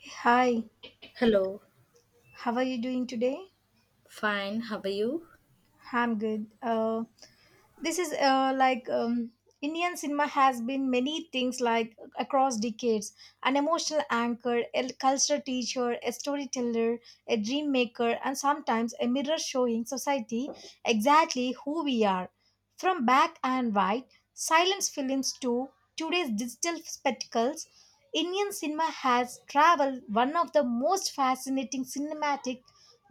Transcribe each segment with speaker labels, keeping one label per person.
Speaker 1: Hi,
Speaker 2: Hello,
Speaker 1: how are you doing today?
Speaker 2: fine. How are you?
Speaker 1: I'm good. This is like Indian cinema has been many things like across decades, an emotional anchor, a cultural teacher, a storyteller, a dream maker, and sometimes a mirror showing society exactly who we are. From black and white, silence films to today's digital spectacles, Indian cinema has traveled one of the most fascinating cinematic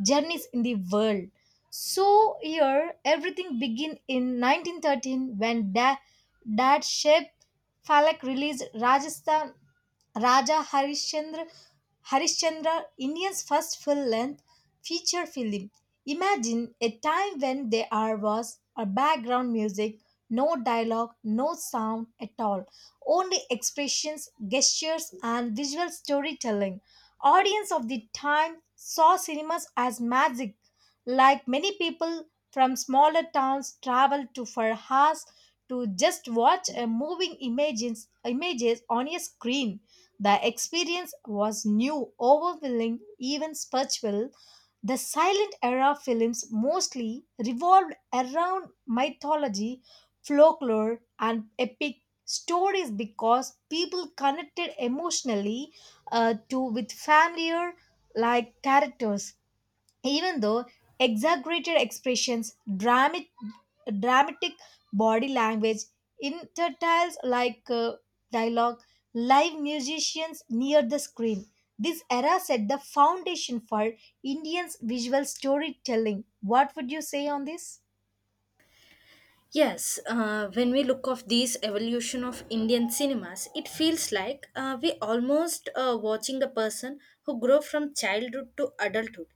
Speaker 1: journeys in the world. So here everything began in 1913 when Dad Sheb Falak released Raja Harishchandra Indian's first full-length feature film. Imagine a time when there are was a background music, no dialogue, no sound at all, only expressions, gestures, and visual storytelling. Audience of the time saw cinemas as magic, like many people from smaller towns travel to for hours to just watch a moving images, images on a screen. The experience was new, overwhelming, even spiritual. The silent era films mostly revolved around mythology, folklore, and epic stories because people connected emotionally to with familiar like characters, even though exaggerated expressions, dramatic body language, intertiles like dialogue, live musicians near the screen. This era set the foundation for Indians' visual storytelling. What would you say on this?
Speaker 2: Yes, when we look of these evolution of Indian cinemas, it feels like we almost watching a person who grew from childhood to adulthood,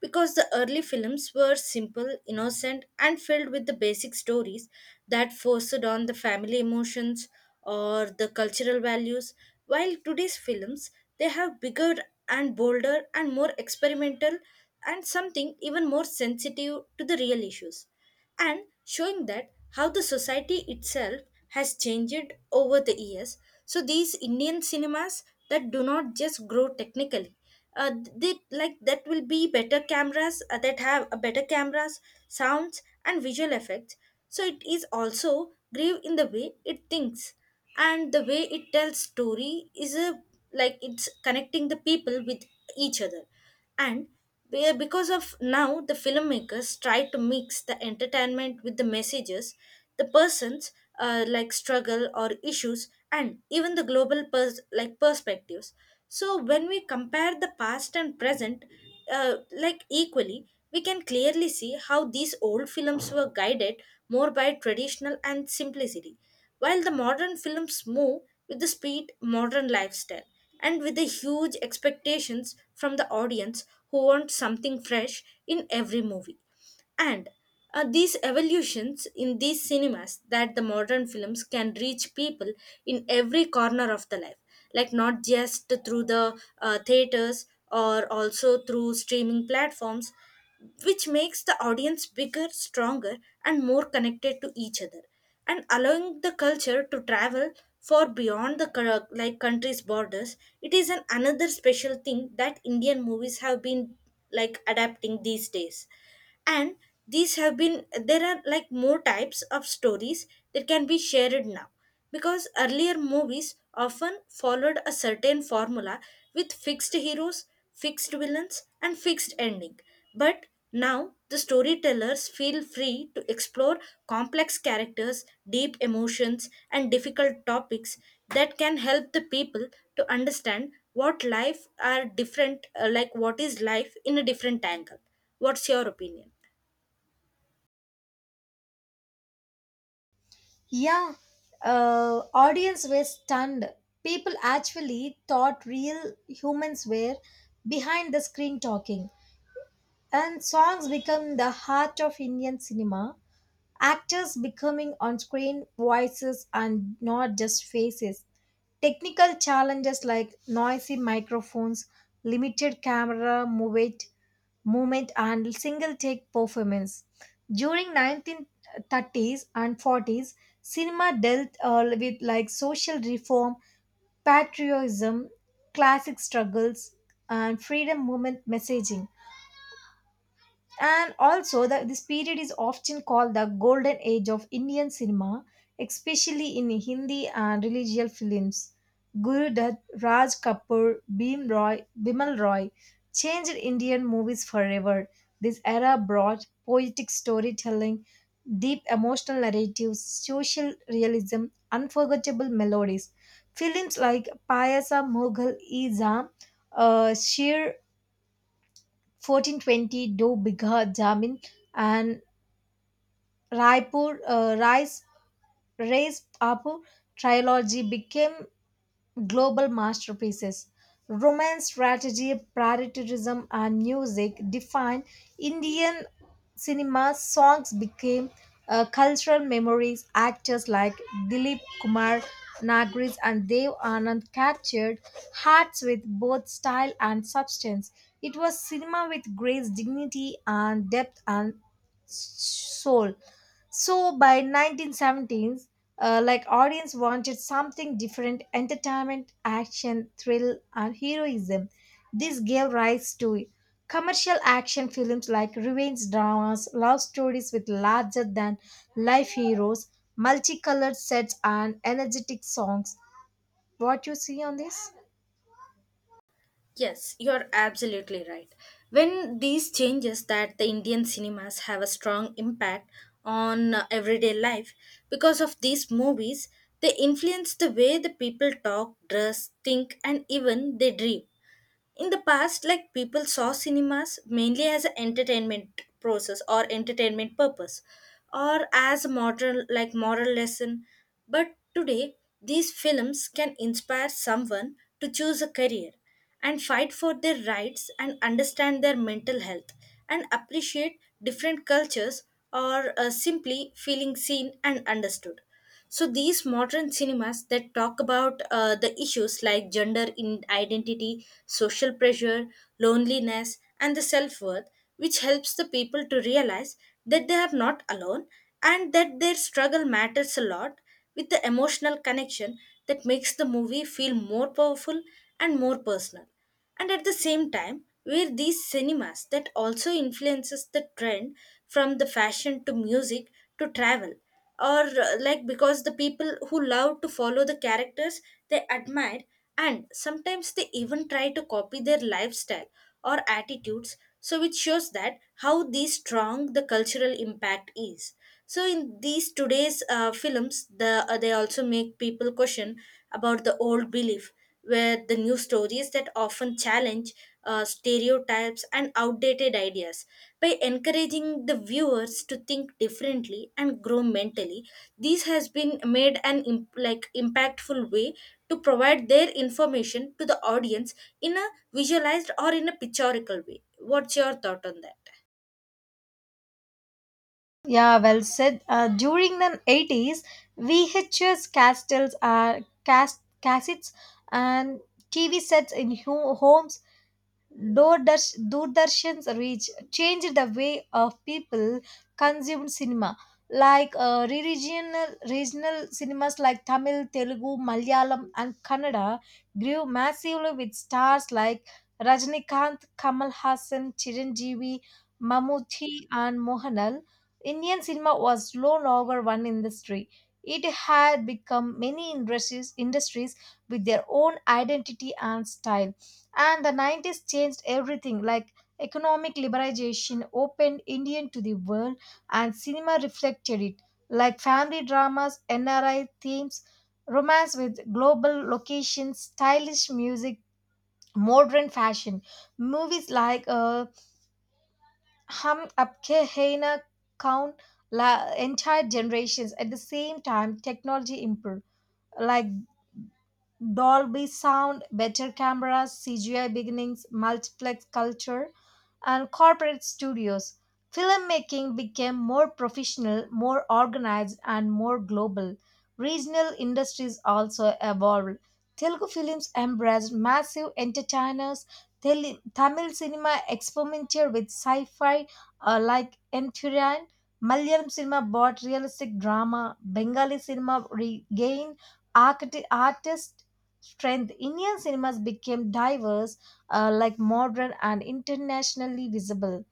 Speaker 2: because the early films were simple, innocent, and filled with the basic stories that forced on the family emotions or the cultural values. While today's films, they have bigger and bolder and more experimental, and something even more sensitive to the real issues and showing that how the society itself has changed over the years. So these Indian cinemas that do not just grow technically, they like that will be better cameras that have a better cameras, sounds and visual effects. So it is also grave in the way it thinks and the way it tells story is a like it's connecting the people with each other and because of now the filmmakers try to mix the entertainment with the messages the persons like struggle or issues and even the global like perspectives. So when we compare the past and present, like equally, we can clearly see how these old films were guided more by traditional and simplicity, while the modern films move with the speed, modern lifestyle, and with the huge expectations from the audience who want something fresh in every movie. And these evolutions in these cinemas that the modern films can reach people in every corner of the life, like not just through the theaters or also through streaming platforms, which makes the audience bigger stronger and more connected to each other and allowing the culture to travel far beyond the like country's borders. It is an another special thing that Indian movies have been like adapting these days. And these have been, there are like more types of stories that can be shared now, because earlier movies often followed a certain formula with fixed heroes, fixed villains, and fixed ending. But now the storytellers feel free to explore complex characters, deep emotions, and difficult topics that can help the people to understand what life are different, like what is life in a different angle. What's your opinion?
Speaker 1: Yeah, audience were stunned. People actually thought real humans were behind the screen talking. And songs become the heart of Indian cinema. Actors becoming on screen voices and not just faces. Technical challenges like noisy microphones, limited camera movement, and single take performance. During 1930s and 40s, cinema dealt with like social reform, patriotism, classic struggles, and freedom movement messaging. And also, this period is often called the golden age of Indian cinema, especially in Hindi and religious films. Guru Dutt, Raj Kapoor, Bimal Roy changed Indian movies forever. This era brought poetic storytelling, deep emotional narratives, social realism, unforgettable melodies. Films like Payasa Mughal Izam, Sheer 1420, Do Bigha Jamin, and Raipur Rais Raise Apu trilogy became global masterpieces. Romance, strategy, patriotism, and music defined Indian cinema. Songs became cultural memories. Actors like Dilip Kumar, Nagris, and Dev Anand captured hearts with both style and substance. It was cinema with grace, dignity, and depth and soul. So by 1917, like audience wanted something different: entertainment, action, thrill, and heroism. This gave rise to commercial action films like revenge dramas, love stories with larger than life heroes, multicolored sets, and energetic songs. What you see on this?
Speaker 2: Yes, you're absolutely right. When these changes that the Indian cinemas have a strong impact on everyday life because of these movies, they influence the way the people talk, dress, think, and even they dream. In the past like people saw cinemas mainly as an entertainment process or entertainment purpose or as a moral like moral lesson, but today these films can inspire someone to choose a career and fight for their rights and understand their mental health and appreciate different cultures, or simply feeling seen and understood. So these modern cinemas that talk about the issues like gender in identity, social pressure, loneliness, and the self worth, which helps the people to realize that they are not alone and that their struggle matters a lot, with the emotional connection that makes the movie feel more powerful and more personal. And at the same time were these cinemas that also influences the trend from the fashion to music to travel, or like because the people who love to follow the characters they admire and sometimes they even try to copy their lifestyle or attitudes, so it shows that how the strong the cultural impact is. So in these today's films the they also make people question about the old belief, where the new stories that often challenge stereotypes and outdated ideas by encouraging the viewers to think differently and grow mentally. This has been made an like impactful way to provide their information to the audience in a visualized or in a pictorial way. What's your thought on that?
Speaker 1: Yeah, well said. During the 80s, VHS castles, cassettes and TV sets in homes, Doordarshan's reach changed the way of people consumed cinema. Like uh, regional cinemas like Tamil, Telugu, Malayalam, and Kannada grew massively with stars like Rajnikanth, Kamal Hassan, Chiranjeevi, Mammootty, and Mohanal. Indian cinema was no longer one industry. It had become many industries with their own identity and style, and the 90s changed everything, like economic liberalization opened indian to the world and cinema reflected it, like family dramas, nri themes, romance with global locations, stylish music, modern fashion, movies like hum apke hai na kaun la entire generations. At the same time technology improved, like dolby sound, better cameras, cgi beginnings, multiplex culture, and corporate studios. Filmmaking became more professional, more organized, and more global. Regional industries also evolved. Telugu films embraced massive entertainers. Tamil cinema experimented with sci fi, like Enfuran. Malayalam cinema bought realistic drama. Bengali cinema regained artist strength. Indian cinemas became diverse, like modern and internationally visible.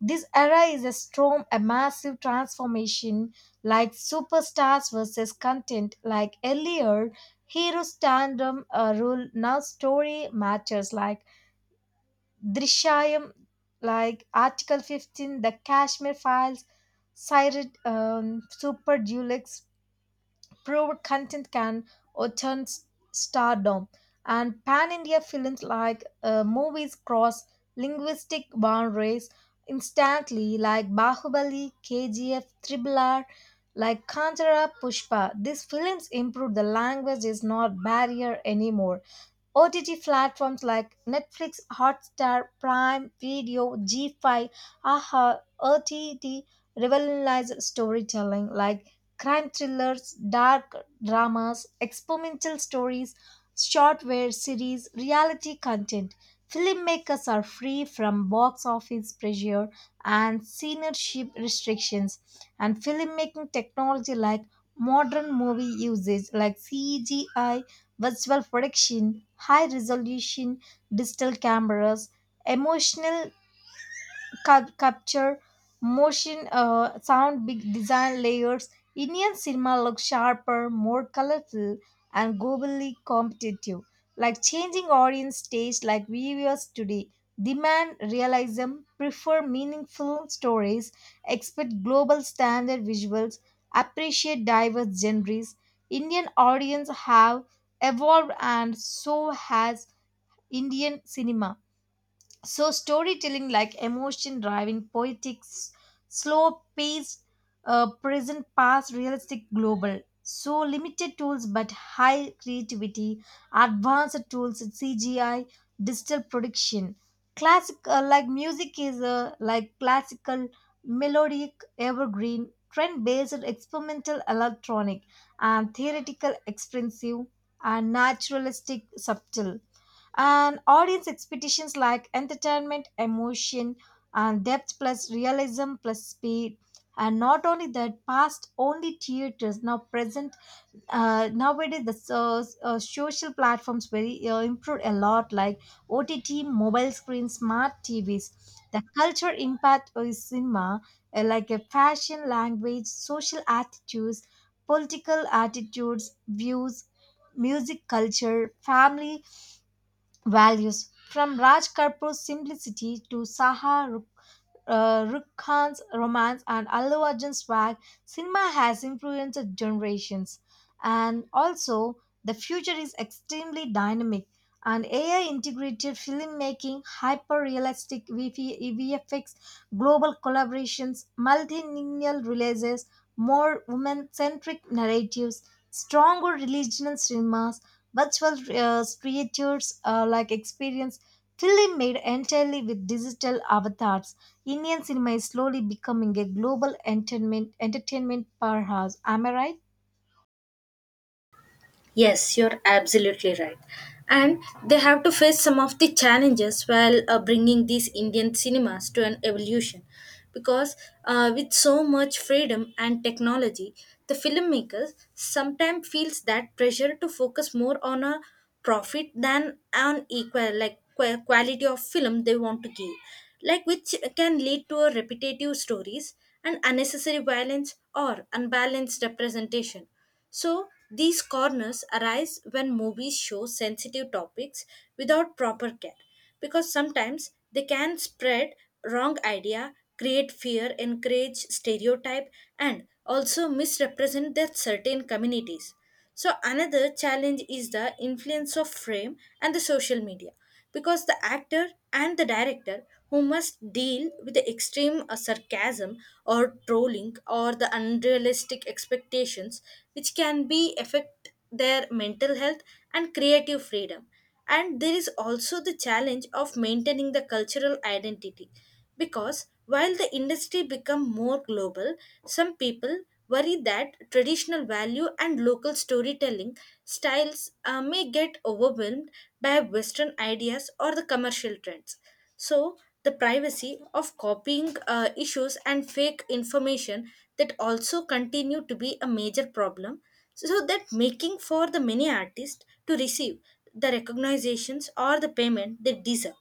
Speaker 1: This era is a storm, a massive transformation, like superstars versus content, like earlier. Hero tandem rule now story matters, like Drishayam, like Article 15, the Kashmir Files, Sired, Super Dulux, proved content can attain stardom. And pan India films like movies cross linguistic boundaries instantly, like Bahubali, KGF, Tribular, like Kantara, Pushpa. These films improve the language is not barrier anymore. OTT platforms like Netflix, Hotstar, Prime Video, G5, AHA, OTT revolutionize storytelling, like crime thrillers, dark dramas, experimental stories, shortware series, reality content. Filmmakers are free from box office pressure and censorship restrictions, and filmmaking technology like modern movie usage like CGI visual production, high resolution digital cameras, emotional capture, motion, sound, big design layers. Indian cinema looks sharper, more colorful, and globally competitive. Like changing audience taste, like viewers today demand realism, prefer meaningful stories, expect global standard visuals, appreciate diverse genres. Indian audience have evolved, and so has Indian cinema. So storytelling like emotion driving poetics, slow paced, present past realistic global. So limited tools but high creativity, advanced tools in CGI, digital production. Classic like music is like classical, melodic, evergreen, trend based, experimental, electronic, and theoretical, expensive, and naturalistic, subtle, and audience expectations like entertainment emotion and depth plus realism plus speed. And not only that, past only theaters, now present, nowadays the so, social platforms very improved a lot, like ott, mobile screens, smart tvs, the culture impact of cinema, like a fashion language, social attitudes, political attitudes, views, music culture, family values, from Raj Kapoor's simplicity to Rukh Khan's romance and Allu Arjun's swag, cinema has influenced generations. And also, the future is extremely dynamic. And AI integrated filmmaking, hyper realistic VFX, global collaborations, multilingual releases, more women centric narratives, stronger religious cinemas, virtual creatures like experience, film made entirely with digital avatars. Indian cinema is slowly becoming a global entertainment powerhouse. Am I right?
Speaker 2: Yes, you're absolutely right. And they have to face some of the challenges while bringing these Indian cinemas to an evolution. Because with so much freedom and technology, the filmmakers sometimes feels that pressure to focus more on a profit than on equal like quality of film they want to give, like which can lead to a repetitive stories and unnecessary violence or unbalanced representation. So, these corners arise when movies show sensitive topics without proper care, because sometimes they can spread wrong idea, create fear, encourage stereotype, and also misrepresent their certain communities. So another challenge is the influence of frame and the social media, because the actor and the director who must deal with the extreme sarcasm or trolling or the unrealistic expectations, which can be affect their mental health and creative freedom. And there is also the challenge of maintaining the cultural identity, because while the industry become more global, some people worry that traditional value and local storytelling styles may get overwhelmed by Western ideas or the commercial trends. So, the privacy of copying issues and fake information that also continue to be a major problem. So, that making for the many artists to receive the recognitions or the payment they deserve.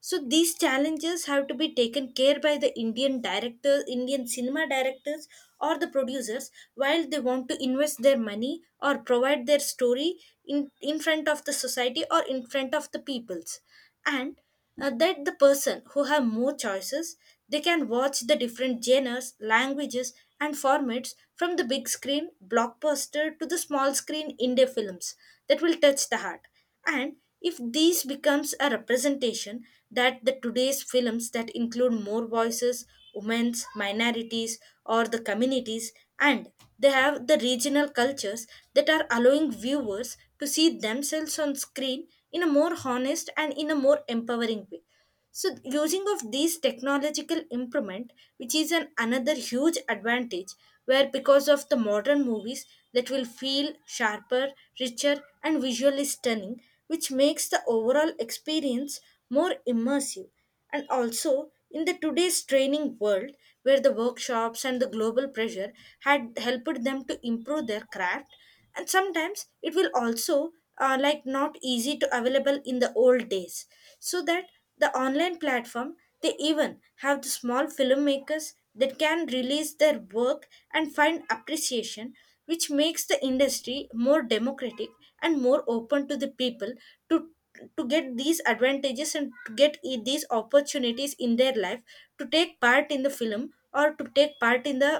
Speaker 2: So these challenges have to be taken care by the Indian directors, Indian cinema directors, or the producers while they want to invest their money or provide their story in front of the society or in front of the peoples. And that the person who have more choices, they can watch the different genres languages and formats, from the big screen blockbuster to the small screen indie films that will touch the heart. And if these becomes a representation that the today's films that include more voices, women's minorities or the communities, and they have the regional cultures that are allowing viewers to see themselves on screen in a more honest and in a more empowering way. So using of these technological improvement, which is an another huge advantage, where because of the modern movies that will feel sharper richer and visually stunning, which makes the overall experience more immersive. And also, in the today's training world, where the workshops and the global pressure had helped them to improve their craft, and sometimes it will also like not easy to available in the old days. So that the online platform, they even have the small filmmakers that can release their work and find appreciation, which makes the industry more democratic and more open to the people to to get these advantages and to get these opportunities in their life to take part in the film or to take part in the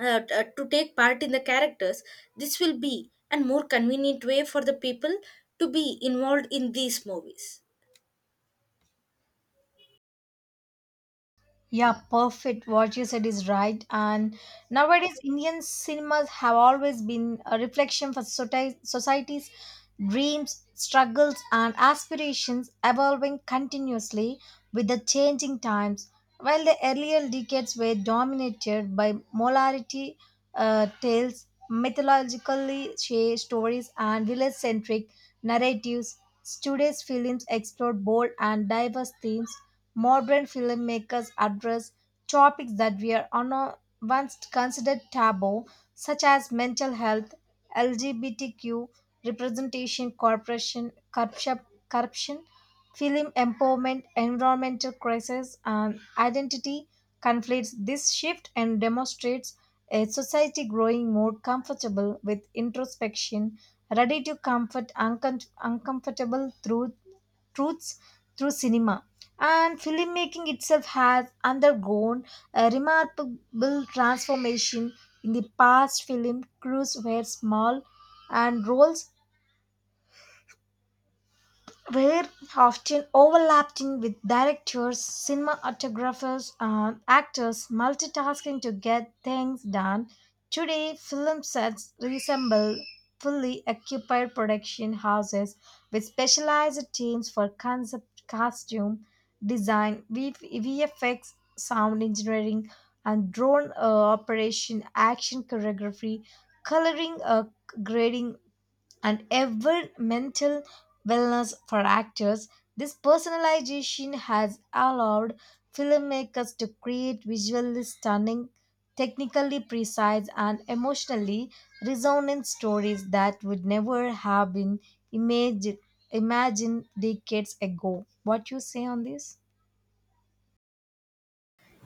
Speaker 2: to take part in the characters. This will be a more convenient way for the people to be involved in these movies.
Speaker 1: Yeah, perfect. What you said is right. And nowadays, Indian cinemas have always been a reflection for society's dreams, struggles, and aspirations, evolving continuously with the changing times. While the earlier decades were dominated by molarity tales, mythologically shared stories, and village centric narratives, today's films explore bold and diverse themes. Modern filmmakers address topics that were once considered taboo, such as mental health, LGBTQ representation, corruption, film empowerment, environmental crisis, and identity conflicts. This shift and demonstrates a society growing more comfortable with introspection, ready to comfort uncomfortable truths through cinema. And filmmaking itself has undergone a remarkable transformation. In the past, film crews were small and roles were often overlapping, with directors, cinematographers, and actors multitasking to get things done. Today, film sets resemble fully occupied production houses with specialized teams for concept, costume design, VFX, sound engineering, and drone operation, action choreography, coloring, grading, and ever mental wellness for actors. This personalization has allowed filmmakers to create visually stunning, technically precise, and emotionally resonant stories that would never have been imagine, imagined decades ago. What you say on this?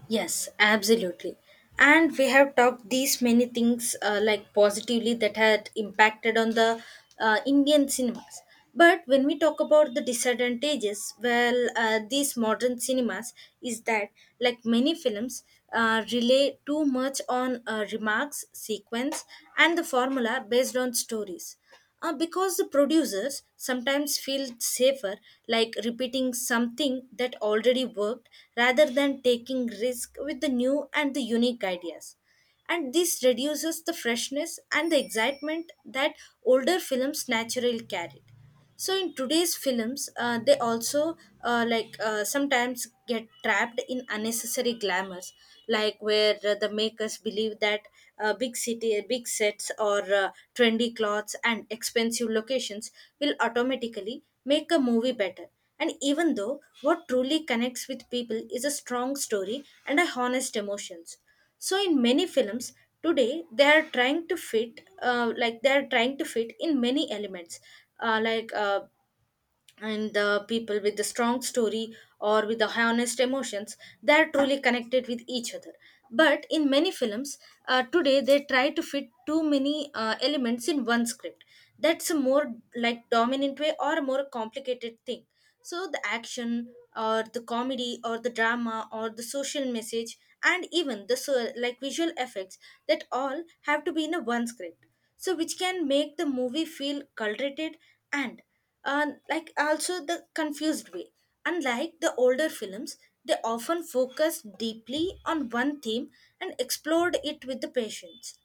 Speaker 2: Yes, absolutely. And we have talked these many things like positively that had impacted on the Indian cinemas. But when we talk about the disadvantages, well, these modern cinemas is that like many films rely too much on remarks, sequence, and the formula based on stories, because the producers sometimes feel safer like repeating something that already worked rather than taking risk with the new and the unique ideas. And this reduces the freshness and the excitement that older films naturally carried. So in today's films they also sometimes get trapped in unnecessary glamours, like where the makers believe that big city big sets or trendy clothes and expensive locations will automatically make a movie better, and even though what truly connects with people is a strong story and a honest emotions. So in many films today they are trying to fit like they are trying to fit in many elements uh, like uh, and the people with the strong story or with the honest emotions they are truly connected with each other. But in many films today they try to fit too many elements in one script, that's a more like dominant way or a more complicated thing. So the action or the comedy or the drama or the social message and even the so, like visual effects that all have to be in a one script, so which can make the movie feel cultivated, and and like also the confused way. Unlike the older films, they often focus deeply on one theme and explored it with the patience.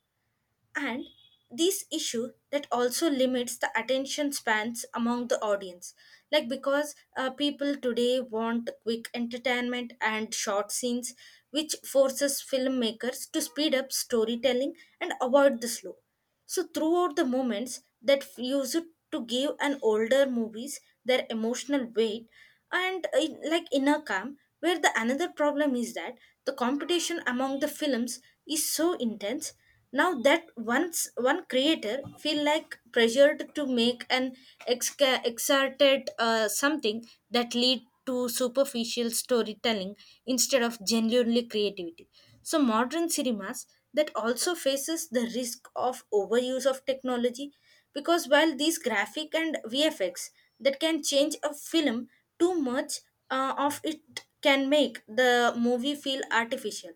Speaker 2: And this issue that also limits the attention spans among the audience. Like because people today want quick entertainment and short scenes, which forces filmmakers to speed up storytelling and avoid the slow. So throughout the moments that use it to give an older movies their emotional weight and like inner calm, where the another problem is that the competition among the films is so intense now that once one creator feel like pressured to make an exerted something that lead to superficial storytelling instead of genuinely creativity. So modern cinemas that also faces the risk of overuse of technology, because while these graphic and VFX that can change a film too much, of it can make the movie feel artificial.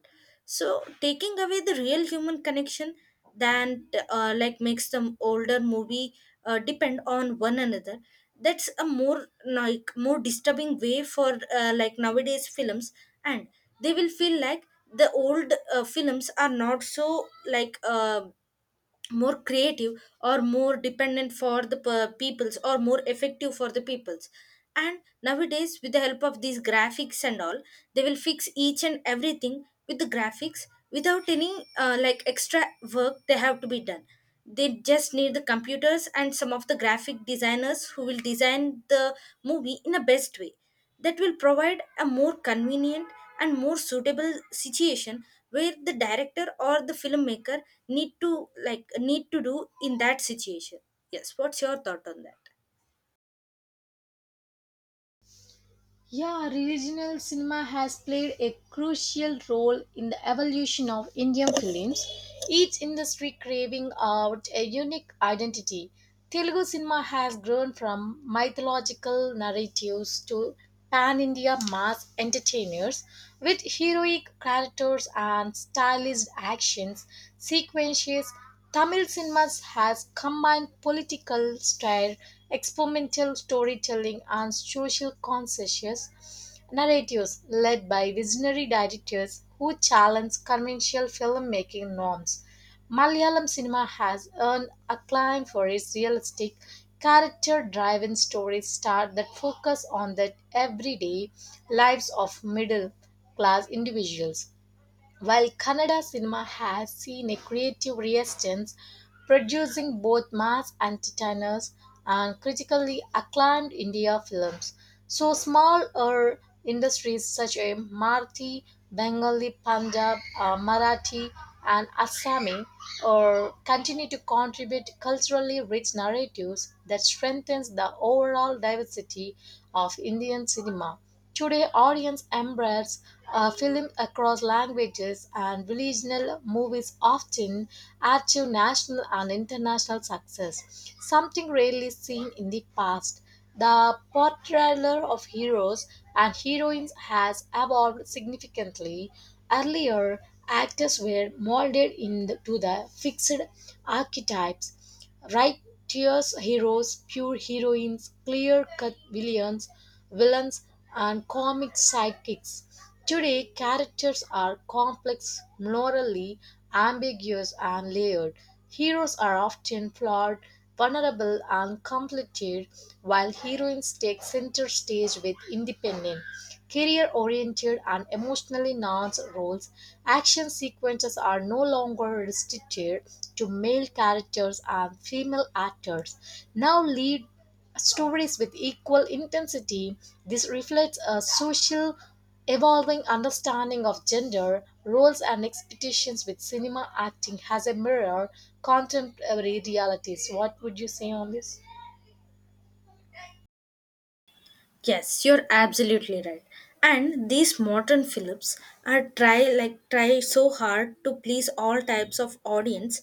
Speaker 2: So taking away the real human connection than like makes them older movie depend on one another, that's a more like more disturbing way for like nowadays films. And they will feel like the old films are not so like more creative or more dependent for the peoples or more effective for the peoples. And nowadays with the help of these graphics and all, they will fix each and everything with the graphics without any like extra work they have to be done. They just need the computers and some of the graphic designers who will design the movie in a best way, that will provide a more convenient and more suitable situation where the director or the filmmaker need to do in that situation. Yes, what's your thought on that?
Speaker 1: Yeah, regional cinema has played a crucial role in the evolution of Indian films, each industry craving out a unique identity. Telugu cinema has grown from mythological narratives to pan India mass entertainers with heroic characters and stylized actions, sequences. Tamil cinema has combined political style, experimental storytelling, and social conscious narratives led by visionary directors who challenge conventional filmmaking norms. Malayalam cinema has earned acclaim for its realistic, character driven stories star that focus on the everyday lives of middle class individuals. While Kannada cinema has seen a creative resurgence, producing both mass entertainers and critically acclaimed India films, so smaller industries such as Marathi, Bengali, Punjab, Marathi, and Assami or continue to contribute culturally rich narratives that strengthens the overall diversity of Indian cinema. Today, audience embrace film across languages, and regional movies often achieve national and international success, something rarely seen in the past. The portrayal of heroes and heroines has evolved significantly. Earlier, actors were molded into the fixed archetypes, righteous heroes, pure heroines, clear cut villains, and comic sidekicks. Today, characters are complex, morally ambiguous, and layered. Heroes are often flawed, vulnerable, and conflicted, while heroines take center stage with independence career oriented and emotionally nuanced roles. Action sequences are no longer restricted to male characters and female actors. Now lead stories with equal intensity. This reflects a social evolving understanding of gender, roles, and expectations with cinema acting as a mirror contemporary realities. What would you say on this?
Speaker 2: Yes, you're absolutely right. And these modern films are try like try so hard to please all types of audience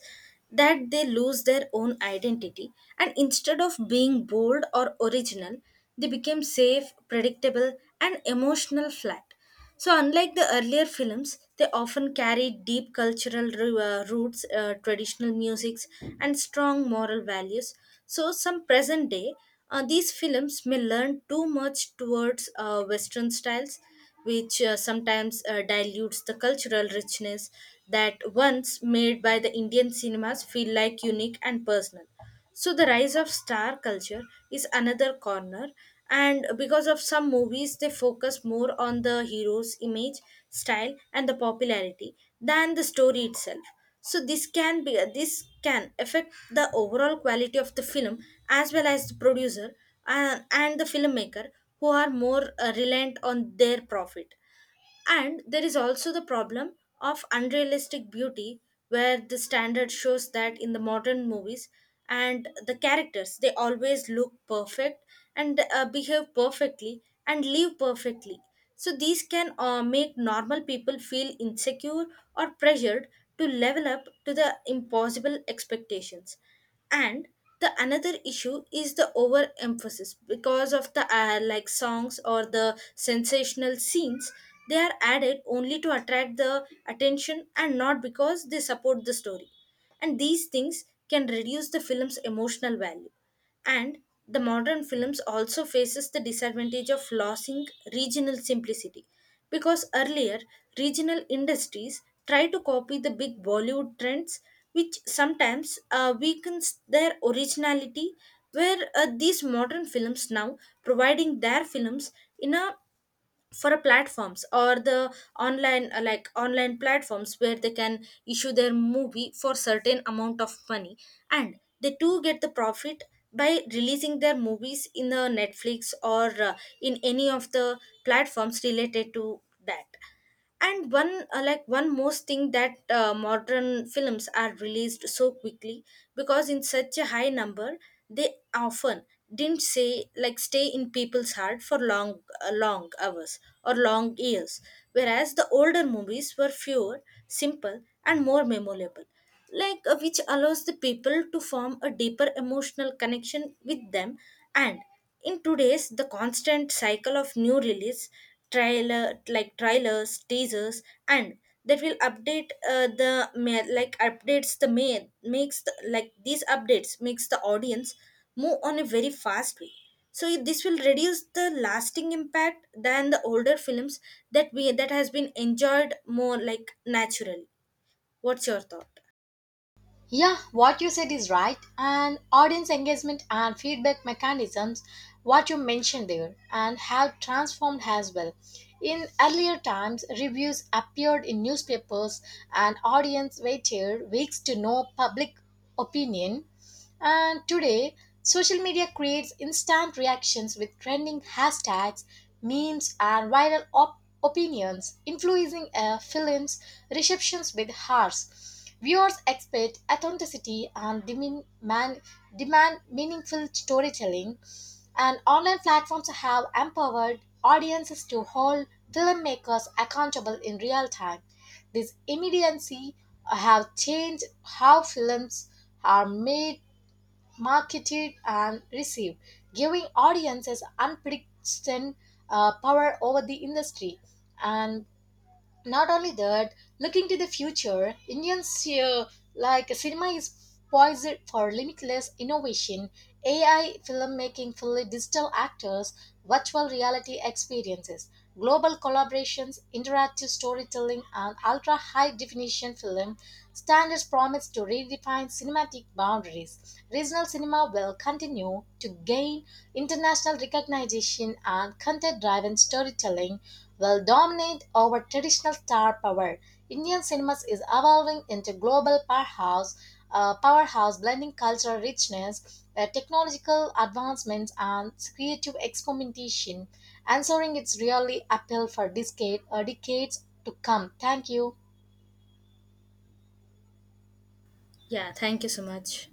Speaker 2: that they lose their own identity, and instead of being bold or original, they become safe, predictable and emotional flat. So, unlike the earlier films, they often carry deep cultural roots, traditional musics, and strong moral values. So, some present day, these films may learn too much towards Western styles, which sometimes dilutes the cultural richness that once made by the Indian cinemas feel like unique and personal. So the rise of star culture is another corner, and because of some movies, they focus more on the hero's image, style, and the popularity than the story itself. So this can affect the overall quality of the film as well as the producer and, the filmmaker who are more reliant on their profit. And there is also the problem of unrealistic beauty, where the standard shows that in the modern movies and the characters, they always look perfect and behave perfectly and live perfectly. So these can make normal people feel insecure or pressured to level up to the impossible expectations. And the another issue is the overemphasis because of the like songs or the sensational scenes, they are added only to attract the attention and not because they support the story, and these things can reduce the film's emotional value. And the modern films also faces the disadvantage of losing regional simplicity, because earlier regional industries try to copy the big Bollywood trends, which sometimes weakens their originality. Where these modern films now providing their films in a for a platforms or the online online platforms where they can issue their movie for certain amount of money, and they too get the profit by releasing their movies in the netflix or in any of the platforms related to that. And one one most thing that modern films are released so quickly, because in such a high number they often didn't say like stay in people's heart for long, long hours or long years, whereas the older movies were fewer simple and more memorable, like which allows the people to form a deeper emotional connection with them. And in today's the constant cycle of new release, trailers teasers and that will update the ma- like updates the main makes these updates makes the audience move on a very fast way. So this will reduce the lasting impact than the older films that we that has been enjoyed more like naturally. What's your thought?
Speaker 1: Yeah, what you said is right. And audience engagement and feedback mechanisms, what you mentioned there, and have transformed as well. In earlier times, reviews appeared in newspapers, and audience waited weeks to know public opinion. And today, social media creates instant reactions with trending hashtags, memes, and viral opinions, influencing films, receptions with hearts. Viewers expect authenticity and demand meaningful storytelling, and online platforms have empowered audiences to hold filmmakers accountable in real time. This immediacy have changed how films are made, marketed, and received, giving audiences unprecedented power over the industry. And not only that, looking to the future, Indian cinema is poised for limitless innovation, AI filmmaking, fully digital actors, virtual reality experiences, global collaborations, interactive storytelling, and ultra high definition film standards promise to redefine cinematic boundaries. Regional cinema will continue to gain international recognition and content driven storytelling will dominate over traditional star power. Indian cinema is evolving into global powerhouse blending cultural richness, technological advancements, and creative experimentation, answering its really appeal for decades to come. Thank you.
Speaker 2: Yeah, thank you so much.